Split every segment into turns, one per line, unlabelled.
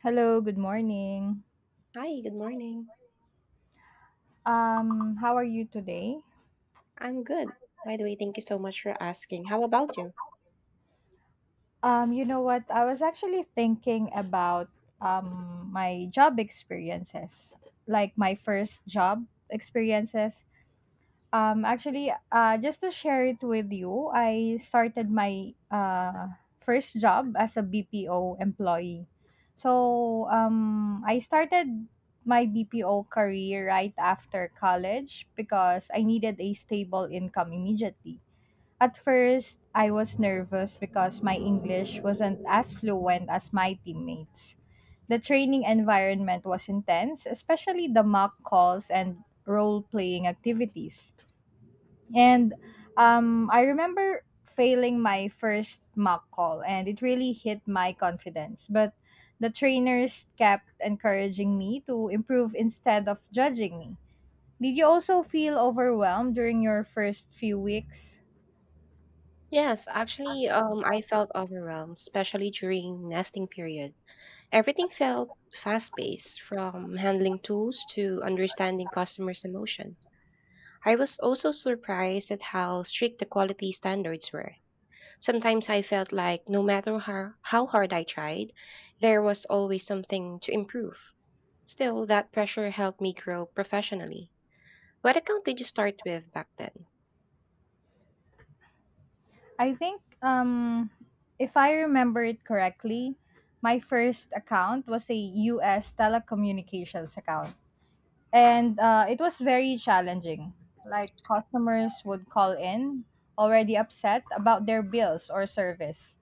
Hello, good morning.
Hi, good morning.
How are you today?
I'm good. By the way, thank you so much for asking. How about you?
You know what? I was actually thinking about my job experiences, like my first job experiences. Just to share it with you, I started my first job as a BPO employee. So I started my BPO career right after college because I needed a stable income immediately. At first, I was nervous because my English wasn't as fluent as my teammates. The training environment was intense, especially the mock calls and role playing activities. And I remember failing my first mock call, and it really hit my confidence. But the trainers kept encouraging me to improve instead of judging me. Did you also feel overwhelmed during your first few weeks?
Yes, actually, I felt overwhelmed, especially during nesting period. Everything felt fast-paced, from handling tools to understanding customers' emotion. I was also surprised at how strict the quality standards were. Sometimes I felt like no matter how hard I tried, there was always something to improve. Still, that pressure helped me grow professionally. What account did you start with back then?
I think, um, if I remember it correctly, my first account was a US telecommunications account and it was very challenging. Like customers would call in already upset about their bills or service,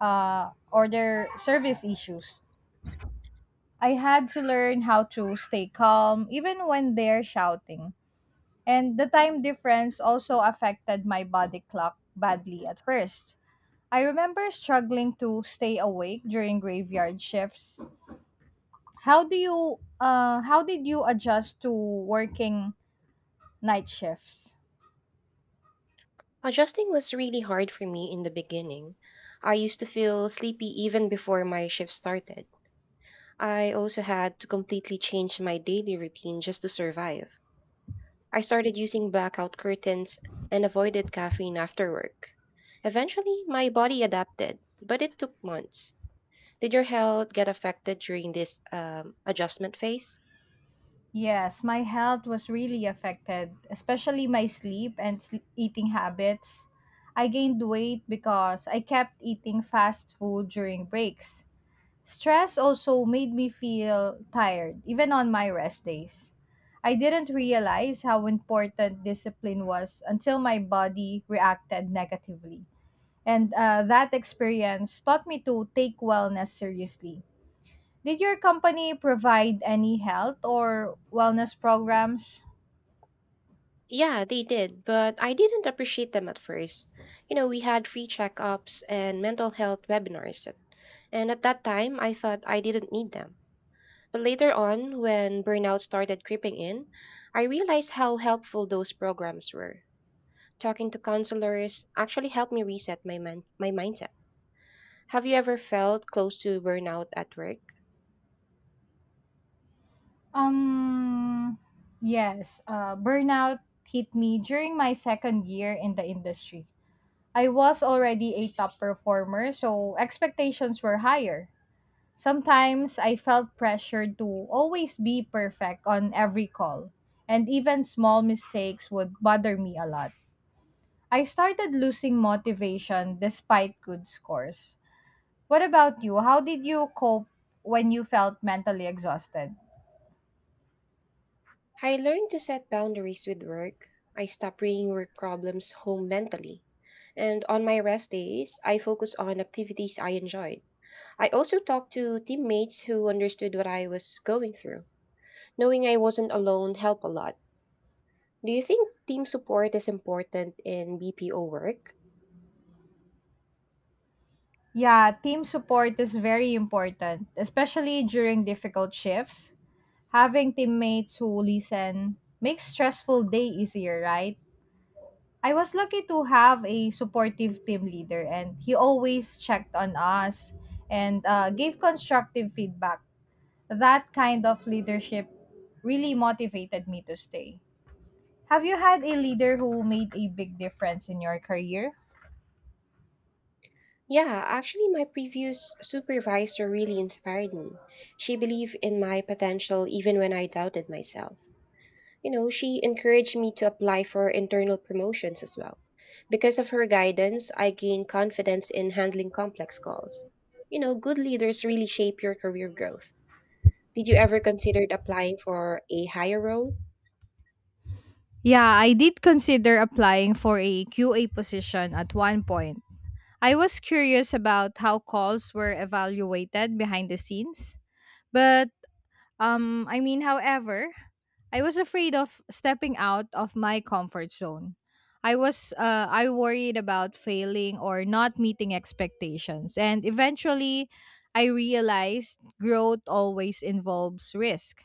or their service issues. I had to learn how to stay calm even when they're shouting. And the time difference also affected my body clock badly at first. I remember struggling to stay awake during graveyard shifts. How did you adjust to working night shifts?
Adjusting was really hard for me in the beginning. I used to feel sleepy even before my shift started. I also had to completely change my daily routine just to survive. I started using blackout curtains and avoided caffeine after work. Eventually, my body adapted, but it took months. Did your health get affected during this adjustment phase?
Yes, my health was really affected, especially my sleep and eating habits. I gained weight because I kept eating fast food during breaks. Stress also made me feel tired, even on my rest days. I didn't realize how important discipline was until my body reacted negatively. And That experience taught me to take wellness seriously. Did your company provide any health or wellness programs?
Yeah, they did, but I didn't appreciate them at first. You know, we had free checkups and mental health webinars, and at that time, I thought I didn't need them. But later on, when burnout started creeping in, I realized how helpful those programs were. Talking to counselors actually helped me reset my mindset. Have you ever felt close to burnout at work?
Um, yes, burnout hit me during my second year in the industry. I was already a top performer, so expectations were higher. Sometimes I felt pressured to always be perfect on every call, and even small mistakes would bother me a lot. I started losing motivation despite good scores. What about you? How did you cope when you felt mentally exhausted?
I learned to set boundaries with work. I stopped bringing work problems home mentally. And on my rest days, I focused on activities I enjoyed. I also talked to teammates who understood what I was going through. Knowing I wasn't alone helped a lot. Do you think team support is important in BPO work?
Yeah, team support is very important, especially during difficult shifts. Having teammates who listen makes stressful day easier, right? I was lucky to have a supportive team leader and he always checked on us and gave constructive feedback. That kind of leadership really motivated me to stay. Have you had a leader who made a big difference in your career?
Yeah, actually, my previous supervisor really inspired me. She believed in my potential even when I doubted myself. You know, she encouraged me to apply for internal promotions as well. Because of her guidance, I gained confidence in handling complex calls. You know, good leaders really shape your career growth. Did you ever consider applying for a higher role?
Yeah, I did consider applying for a QA position at one point. I was curious about how calls were evaluated behind the scenes, but however, I was afraid of stepping out of my comfort zone. I worried about failing or not meeting expectations and eventually I realized growth always involves risk.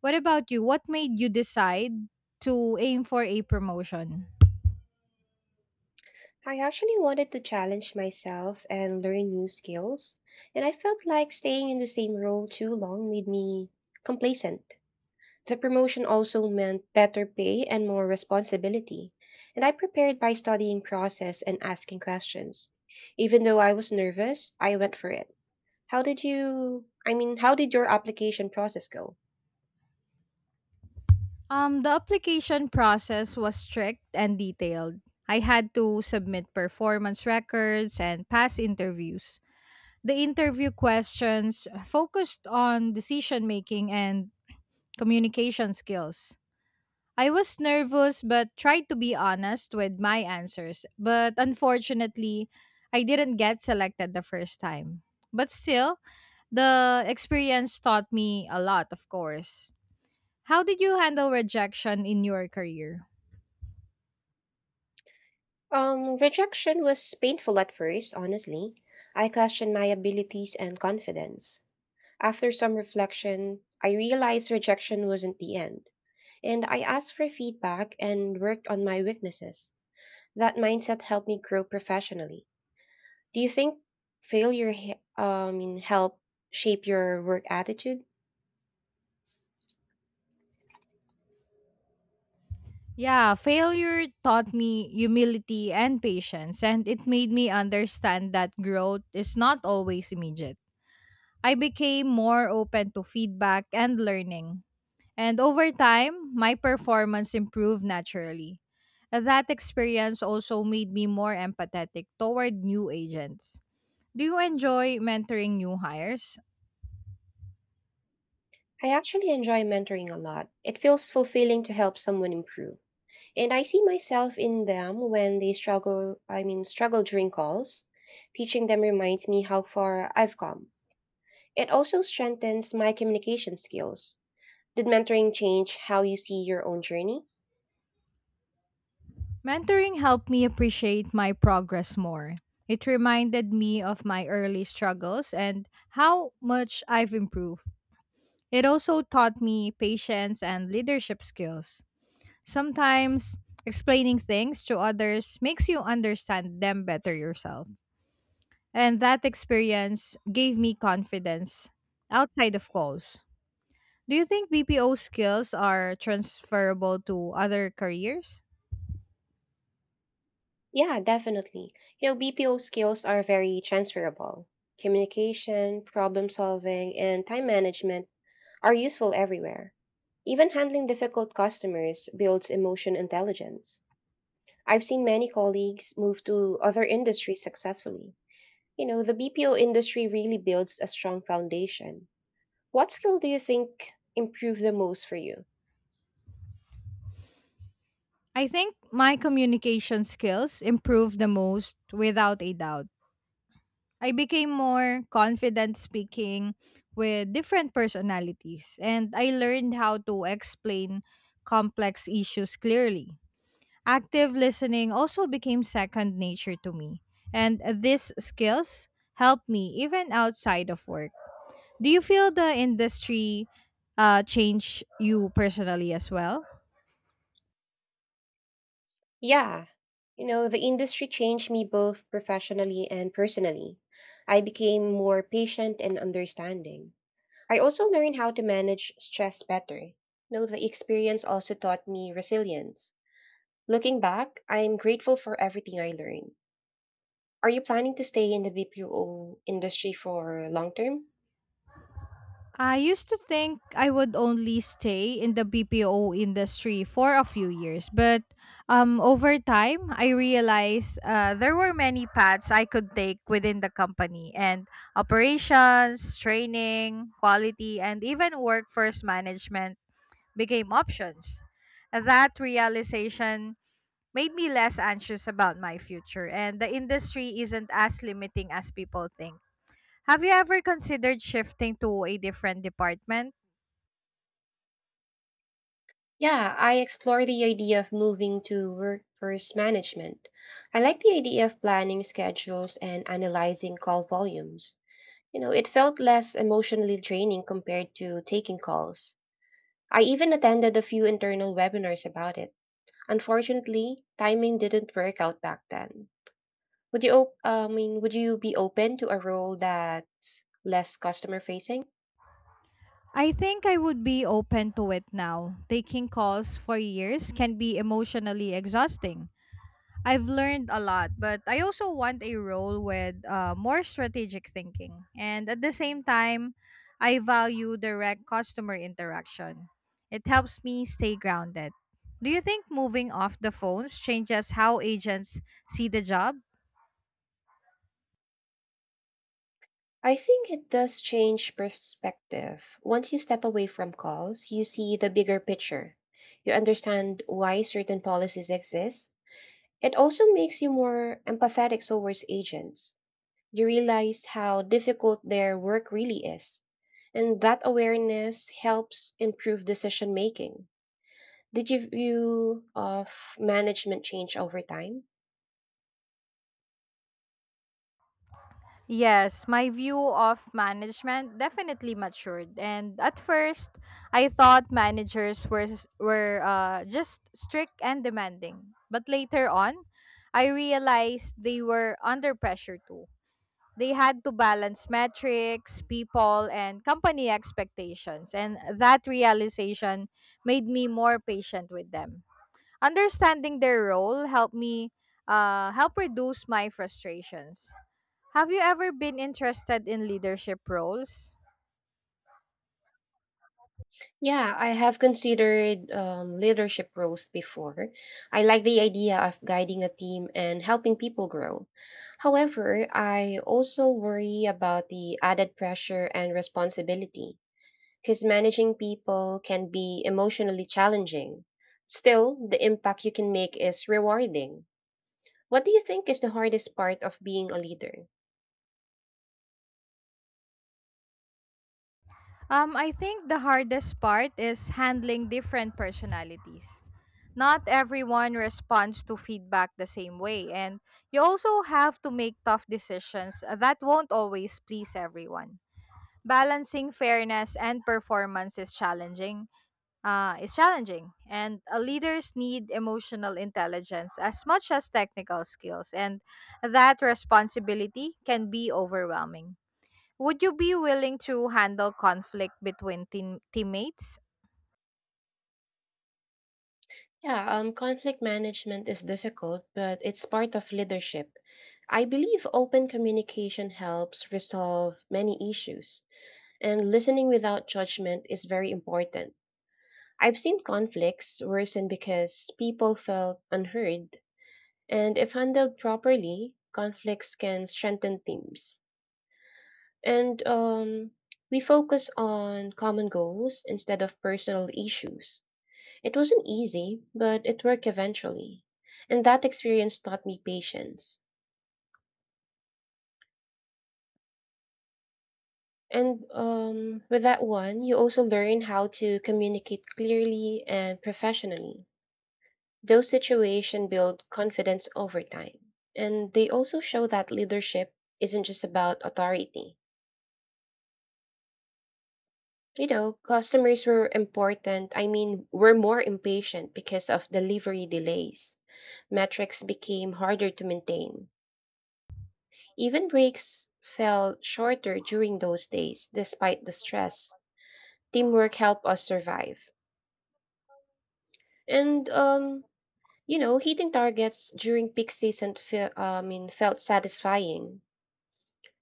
What about you? What made you decide to aim for a promotion?
I actually wanted to challenge myself and learn new skills, and I felt like staying in the same role too long made me complacent. The promotion also meant better pay and more responsibility, and I prepared by studying process and asking questions. Even though I was nervous, I went for it. How did your application process go?
The application process was strict and detailed. I had to submit performance records and pass interviews. The interview questions focused on decision making and communication skills. I was nervous but tried to be honest with my answers, but unfortunately, I didn't get selected the first time. But still, the experience taught me a lot, of course. How did you handle rejection in your career?
Rejection was painful at first, honestly. I questioned my abilities and confidence. After some reflection, I realized rejection wasn't the end, and I asked for feedback and worked on my weaknesses. That mindset helped me grow professionally. Do you think failure help shape your work attitude?
Yeah, failure taught me humility and patience, and it made me understand that growth is not always immediate. I became more open to feedback and learning, and over time, my performance improved naturally. That experience also made me more empathetic toward new agents. Do you enjoy mentoring new hires?
I actually enjoy mentoring a lot. It feels fulfilling to help someone improve, and I see myself in them when they struggle. I mean, struggle during calls. Teaching them reminds me how far I've come. It also strengthens my communication skills. Did mentoring change how you see your own journey?
Mentoring helped me appreciate my progress more. It reminded me of my early struggles and how much I've improved. It also taught me patience and leadership skills. Sometimes explaining things to others makes you understand them better yourself. And that experience gave me confidence outside of calls. Do you think BPO skills are transferable to other careers?
Yeah, definitely. You know, BPO skills are very transferable. Communication, problem solving, and time management are useful everywhere. Even handling difficult customers builds emotion intelligence. I've seen many colleagues move to other industries successfully. You know, the BPO industry really builds a strong foundation. What skill do you think improved the most for you?
I think my communication skills improved the most without a doubt. I became more confident speaking with different personalities, and I learned how to explain complex issues clearly. Active listening also became second nature to me, and these skills help me even outside of work. Do you feel the industry change you personally as well?
Yeah. You know, the industry changed me both professionally and personally. I became more patient and understanding. I also learned how to manage stress better. You know, the experience also taught me resilience. Looking back, I'm grateful for everything I learned. Are you planning to stay in the BPO industry for long term?
I used to think I would only stay in the BPO industry for a few years, but over time, I realized there were many paths I could take within the company and operations, training, quality, and even workforce management became options. That realization made me less anxious about my future, and the industry isn't as limiting as people think. Have you ever considered shifting to a different department?
Yeah, I explore the idea of moving to workforce management. I like the idea of planning schedules and analyzing call volumes. You know, it felt less emotionally draining compared to taking calls. I even attended a few internal webinars about it. Unfortunately, timing didn't work out back then. Would you op- I mean, Would you be open to a role that less customer facing?
I think I would be open to it now. Taking calls for years can be emotionally exhausting. I've learned a lot, but I also want a role with more strategic thinking. And at the same time, I value direct customer interaction. It helps me stay grounded. Do you think moving off the phones changes how agents see the job?
I think it does change perspective. Once you step away from calls, you see the bigger picture. You understand why certain policies exist. It also makes you more empathetic towards agents. You realize how difficult their work really is. And that awareness helps improve decision making. Did your view of management change over time?
Yes, my view of management definitely matured. And at first, I thought managers were just strict and demanding. But later on, I realized they were under pressure too. They had to balance metrics, people, and company expectations. And that realization made me more patient with them. Understanding their role helped me help reduce my frustrations. Have you ever been interested in leadership roles?
Yeah, I have considered leadership roles before. I like the idea of guiding a team and helping people grow. However, I also worry about the added pressure and responsibility, because managing people can be emotionally challenging. Still, the impact you can make is rewarding. What do you think is the hardest part of being a leader?
I think the hardest part is handling different personalities. Not everyone responds to feedback the same way, and you also have to make tough decisions that won't always please everyone. Balancing fairness and performance is challenging, and leaders need emotional intelligence as much as technical skills, and that responsibility can be overwhelming. Would you be willing to handle conflict between teammates?
Yeah, conflict management is difficult, but it's part of leadership. I believe open communication helps resolve many issues, and listening without judgment is very important. I've seen conflicts worsen because people felt unheard. And if handled properly, conflicts can strengthen teams. And We focus on common goals instead of personal issues. It wasn't easy, but it worked eventually. And that experience taught me patience. And With that one, you also learn how to communicate clearly and professionally. Those situations build confidence over time. And they also show that leadership isn't just about authority. You know, customers were important. I mean, were more impatient because of delivery delays. Metrics became harder to maintain. Even breaks fell shorter during those days, despite the stress. Teamwork helped us survive. And, um, you know, hitting targets during peak season felt satisfying.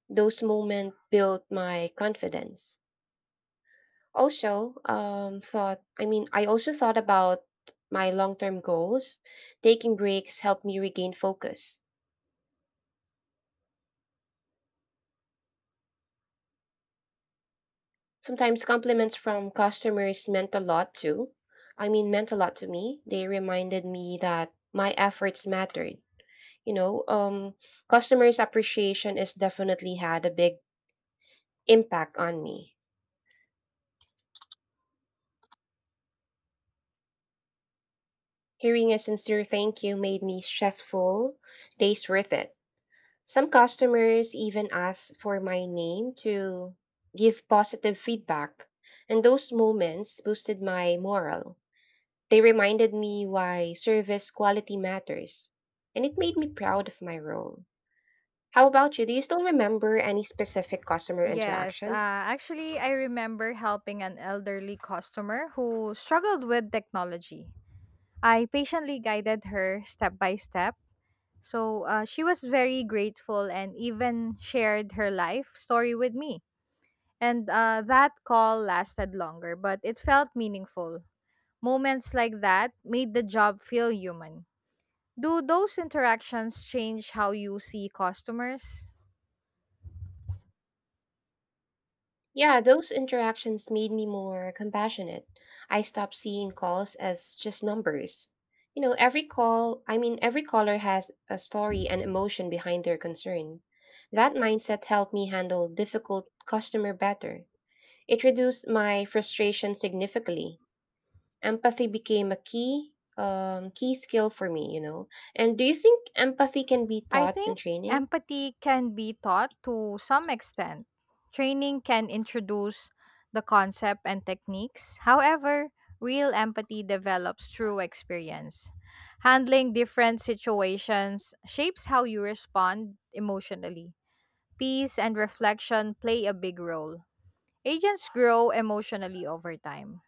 Those moments built my confidence. Also, I also thought about my long term goals. Taking breaks helped me regain focus. Sometimes compliments from customers meant a lot too. I mean, meant a lot to me. They reminded me that my efforts mattered. You know, customers' appreciation has definitely had a big impact on me. Hearing a sincere thank you made me stressful days worth it. Some customers even ask for my name to give positive feedback, and those moments boosted my morale. They reminded me why service quality matters, and it made me proud of my role. How about you? Do you still remember any specific customer
Yes,
interaction?
uh, actually, I remember helping an elderly customer who struggled with technology. I patiently guided her step by step. So she was very grateful and even shared her life story with me. And that call lasted longer, but it felt meaningful. Moments like that made the job feel human. Do those interactions change how you see customers?
Yeah, those interactions made me more compassionate. I stopped seeing calls as just numbers. You know, every caller has a story and emotion behind their concern. That mindset helped me handle difficult customer better. It reduced my frustration significantly. Empathy became a key skill for me, you know. And do you think empathy can be
I
taught in
think
training?
empathy can be taught to some extent. Training can introduce the concept and techniques. However, real empathy develops through experience. Handling different situations shapes how you respond emotionally peace, and reflection play a big role. Agents grow emotionally over time.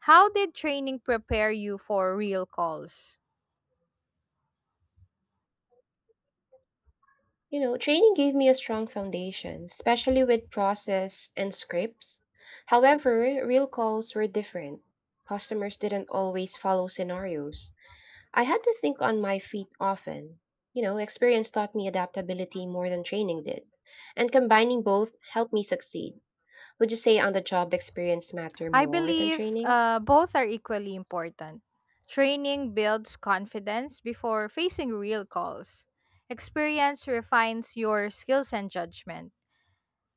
How did training prepare you for real calls?
You know, training gave me a strong foundation, especially with process and scripts. However, real calls were different. Customers didn't always follow scenarios. I had to think on my feet often. You know, experience taught me adaptability more than training did. And combining both helped me succeed. Would you say on the job experience matter
I
more than
believe
training?
both are equally important. Training builds confidence before facing real calls. Experience refines your skills and judgment.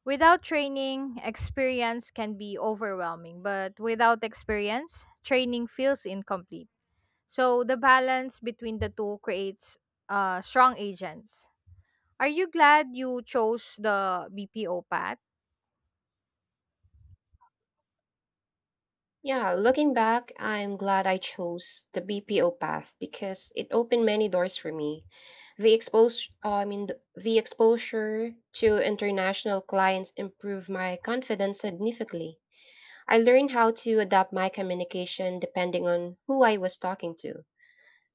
Without training, experience can be overwhelming, but without experience, training feels incomplete. So the balance between the two creates strong agents. Are you glad you chose the BPO path?
Yeah, looking back, I'm glad I chose the BPO path because it opened many doors for me. The expose, I mean, th- the exposure to international clients improved my confidence significantly. I learned how to adapt my communication depending on who I was talking to.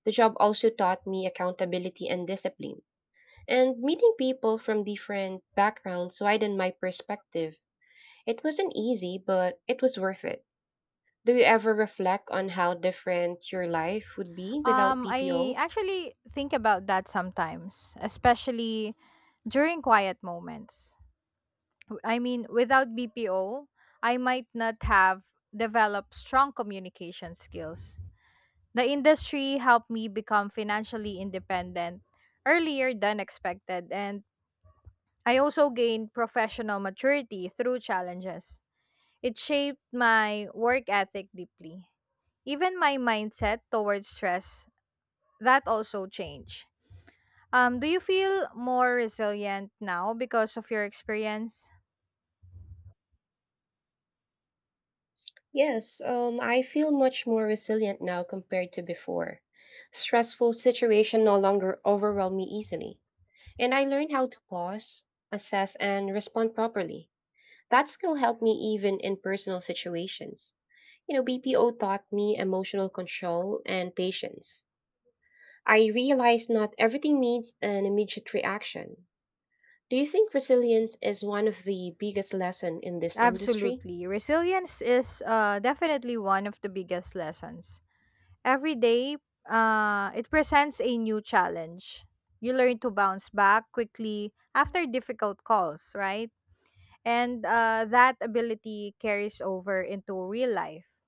The job also taught me accountability and discipline. And meeting people from different backgrounds widened my perspective. It wasn't easy, but it was worth it. Do you ever reflect on how different your life would be without
I
BPO?
actually think about that sometimes, especially during quiet moments. Without BPO, I might not have developed strong communication skills. The industry helped me become financially independent earlier than expected, and I also gained professional maturity through challenges. It shaped my work ethic deeply. Even my mindset towards stress, that also changed. Do you feel more resilient now because of your experience?
Yes, I feel much more resilient now compared to before. Stressful situation no longer overwhelm me easily, and I learned how to pause, assess, and respond properly. That skill helped me even in personal situations. You know, BPO taught me emotional control and patience. I realized not everything needs an immediate reaction. Do you think resilience is one of the biggest lesson in this industry?
Absolutely. Resilience is definitely one of the biggest lessons. Every day, it presents a new challenge. You learn to bounce back quickly after difficult calls, right? And that ability carries over into real life.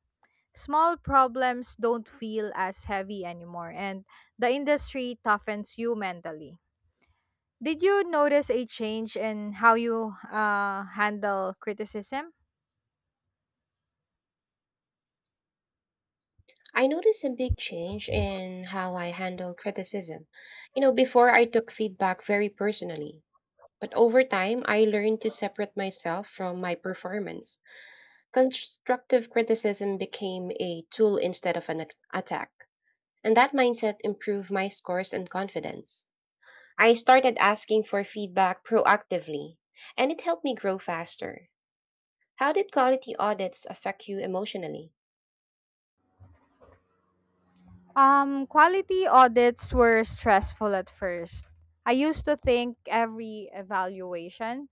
Small problems don't feel as heavy anymore, and the industry toughens you mentally. Did you notice a change in how you handle criticism?
I noticed a big change in how I handle criticism. You know, before I took feedback very personally, but over time I learned to separate myself from my performance. Constructive criticism became a tool instead of attack, and that mindset improved my scores and confidence. I started asking for feedback proactively, and it helped me grow faster. How did quality audits affect you emotionally?
Quality audits were stressful at first. I used to think every evaluation,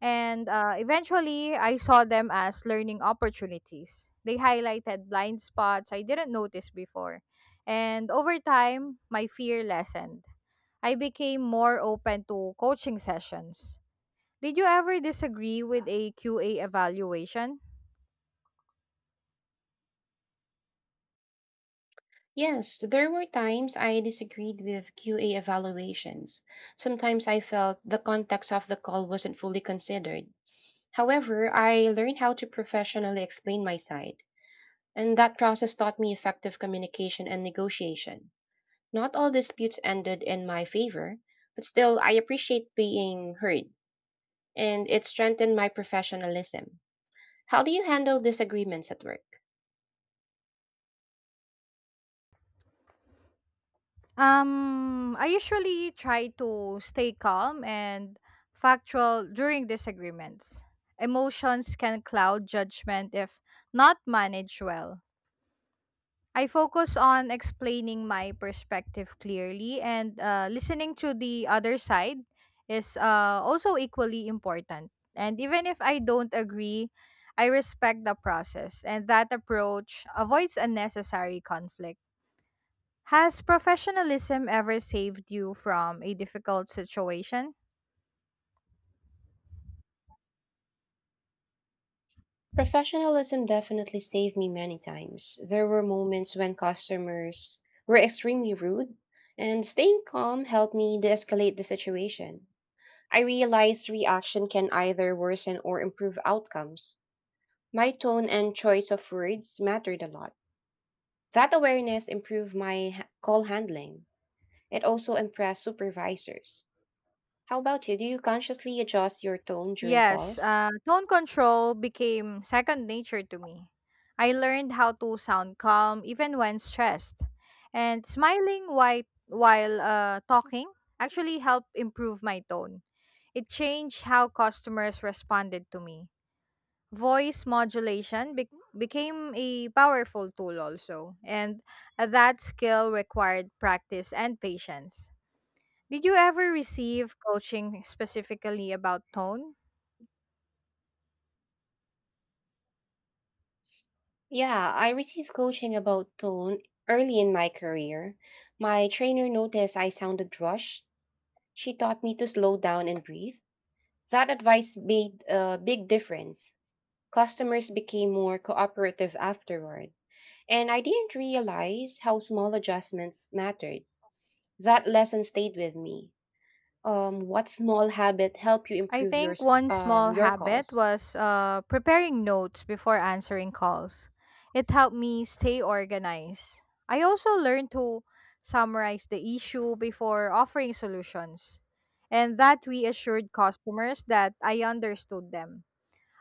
and eventually I saw them as learning opportunities. They highlighted blind spots I didn't notice before. And over time, my fear lessened. I became more open to coaching sessions. Did you ever disagree with a QA evaluation?
Yes, there were times I disagreed with QA evaluations. Sometimes I felt the context of the call wasn't fully considered. However, I learned how to professionally explain my side, and that process taught me effective communication and negotiation. Not all disputes ended in my favor, but still, I appreciate being heard, and it strengthened my professionalism. How do you handle disagreements at work?
I usually try to stay calm and factual during disagreements. Emotions can cloud judgment if not managed well. I focus on explaining my perspective clearly and listening to the other side is also equally important. And even if I don't agree, I respect the process, and that approach avoids unnecessary conflict. Has professionalism ever saved you from a difficult situation?
Professionalism definitely saved me many times. There were moments when customers were extremely rude, and staying calm helped me de escalate the situation. I realized reaction can either worsen or improve outcomes. My tone and choice of words mattered a lot. That awareness improved call handling. It also impressed supervisors. How about you? Do you consciously adjust your tone during
Yes,
calls?
uh, tone control became second nature to me. I learned how to sound calm even when stressed, and smiling while talking actually helped improve my tone. It changed how customers responded to me. Voice modulation became a powerful tool also, and that skill required practice and patience. Did you ever receive coaching specifically about tone?
Yeah, I received coaching about tone early in my career. My trainer noticed I sounded rushed. She taught me to slow down and breathe. That advice made a big difference. Customers became more cooperative afterward, and I didn't realize how small adjustments mattered. That lesson stayed with me. What small habit helped you
I
improve
think one small
your
habit
calls?
was preparing notes before answering calls. It helped me stay organized. I also learned to summarize the issue before offering solutions, and that reassured customers that I understood them.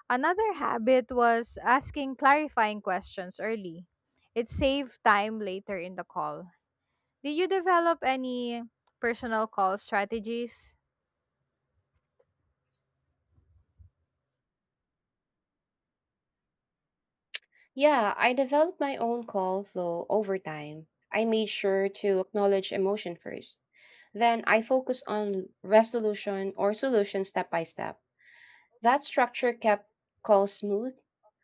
Another habit was asking clarifying questions early. It saved time later in the call. Did you develop any personal call strategies?
Yeah, I developed my own call flow over time. I made sure to acknowledge emotion first. Then I focused on resolution or solution step by step. That structure kept calls smooth.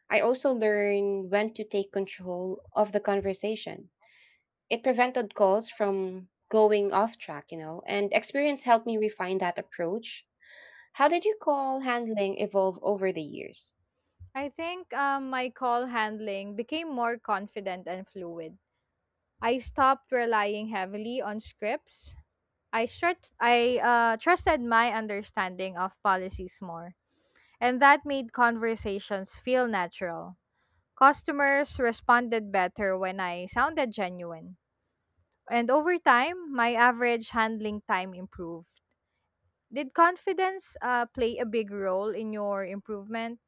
I also learned when to take control of the conversation. It prevented calls from going off track, you know, and experience helped me refine that approach. How did your call handling evolve over the years?
I think My call handling became more confident and fluid. I stopped relying heavily on scripts. I trusted my understanding of policies more, and that made conversations feel natural. Customers responded better when I sounded genuine, and over time, my average handling time improved. Did confidence play a big role in your improvement?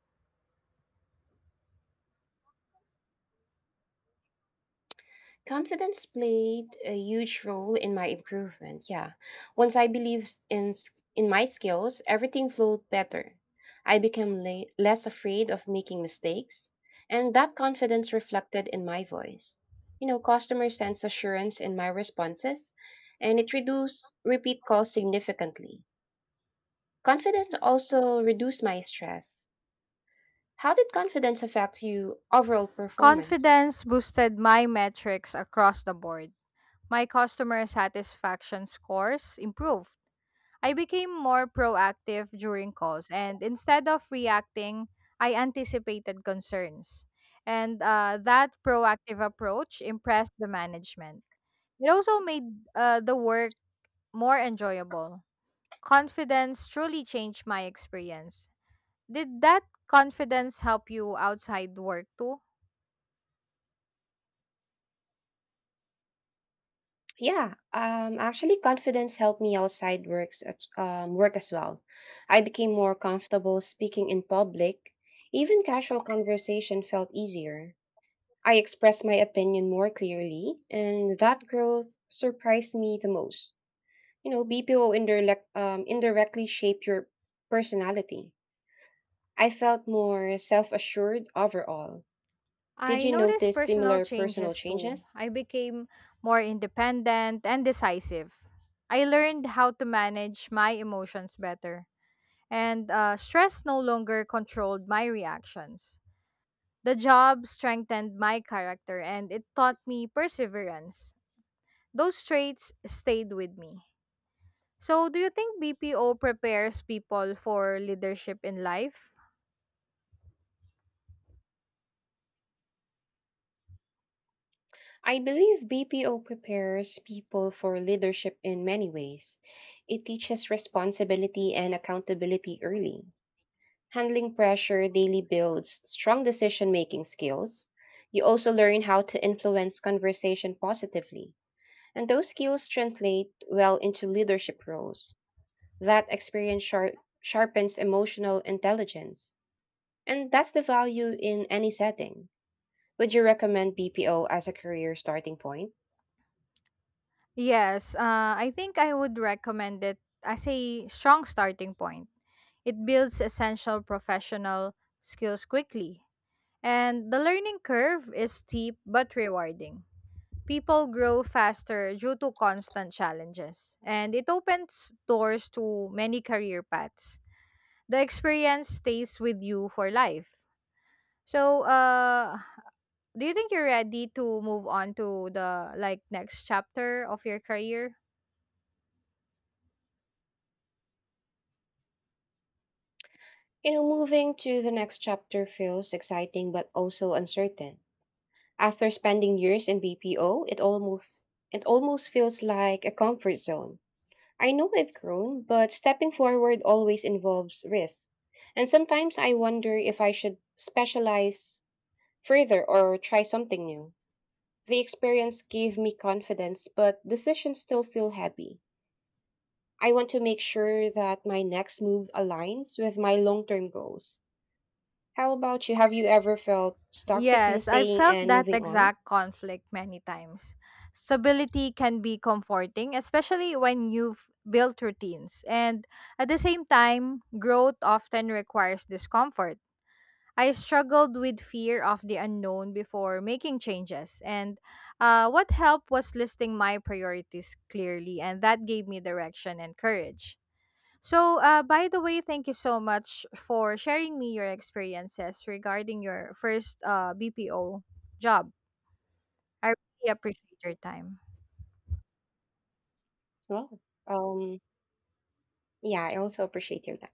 Confidence played a huge role in my improvement. Yeah. Once I believed in my skills, everything flowed better. I became less afraid of making mistakes, and that confidence reflected in my voice. You know, customers sense assurance in my responses, and it reduced repeat calls significantly. Confidence also reduced my stress. How did confidence affect you overall performance?
Confidence boosted my metrics across the board. My customer satisfaction scores improved. I became more proactive during calls, and instead of reacting, I anticipated concerns. And that proactive approach impressed the management. It also made the work more enjoyable. Confidence truly changed my experience. Did that confidence help you outside work too?
Yeah, actually, confidence helped me outside work as well. I became more comfortable speaking in public. Even casual conversation felt easier. I expressed my opinion more clearly, and that growth surprised me the most. You know, BPO indirectly shape your personality. I felt more self assured overall. Did
I
you
noticed
notice
personal
similar personal
changes too.
changes?
I became more independent and decisive. I learned how to manage my emotions better, and stress no longer controlled my reactions. The job strengthened my character and it taught me perseverance. Those traits stayed with me. So, do you think BPO prepares people for leadership in life?
I believe BPO prepares people for leadership in many ways. It teaches responsibility and accountability early. Handling pressure daily builds strong decision making skills. You also learn how to influence conversation positively. And those skills translate well into leadership roles. That experience sharpens emotional intelligence. And that's the value in any setting. Would you recommend BPO as a career starting point?
Yes, I think I would recommend it as a strong starting point. It builds essential professional skills quickly, and the learning curve is steep but rewarding. People grow faster due to constant challenges, and it opens doors to many career paths. The experience stays with you for life. So, do you think you're ready to move on to the like next chapter of your career?
You know, moving to the next chapter feels exciting but also uncertain. After spending years in BPO, it almost feels like a comfort zone. I know I've grown, but stepping forward always involves risk. And sometimes I wonder if I should specialize further or try something new. The experience gave me confidence, but decisions still feel heavy. I want to make sure that my next move aligns with my long-term goals. How about you? Have you ever felt stuck between
Yes, I've
staying
felt
and
that
moving on?
exact conflict many times. Stability can be comforting, especially when you've built routines. And at the same time, growth often requires discomfort. I struggled with fear of the unknown before making changes. And what helped was listing my priorities clearly, and that gave me direction and courage. So, by the way, thank you so much for sharing me your experiences regarding your first BPO job. I really appreciate your time.
Well, um, yeah, I also appreciate your time.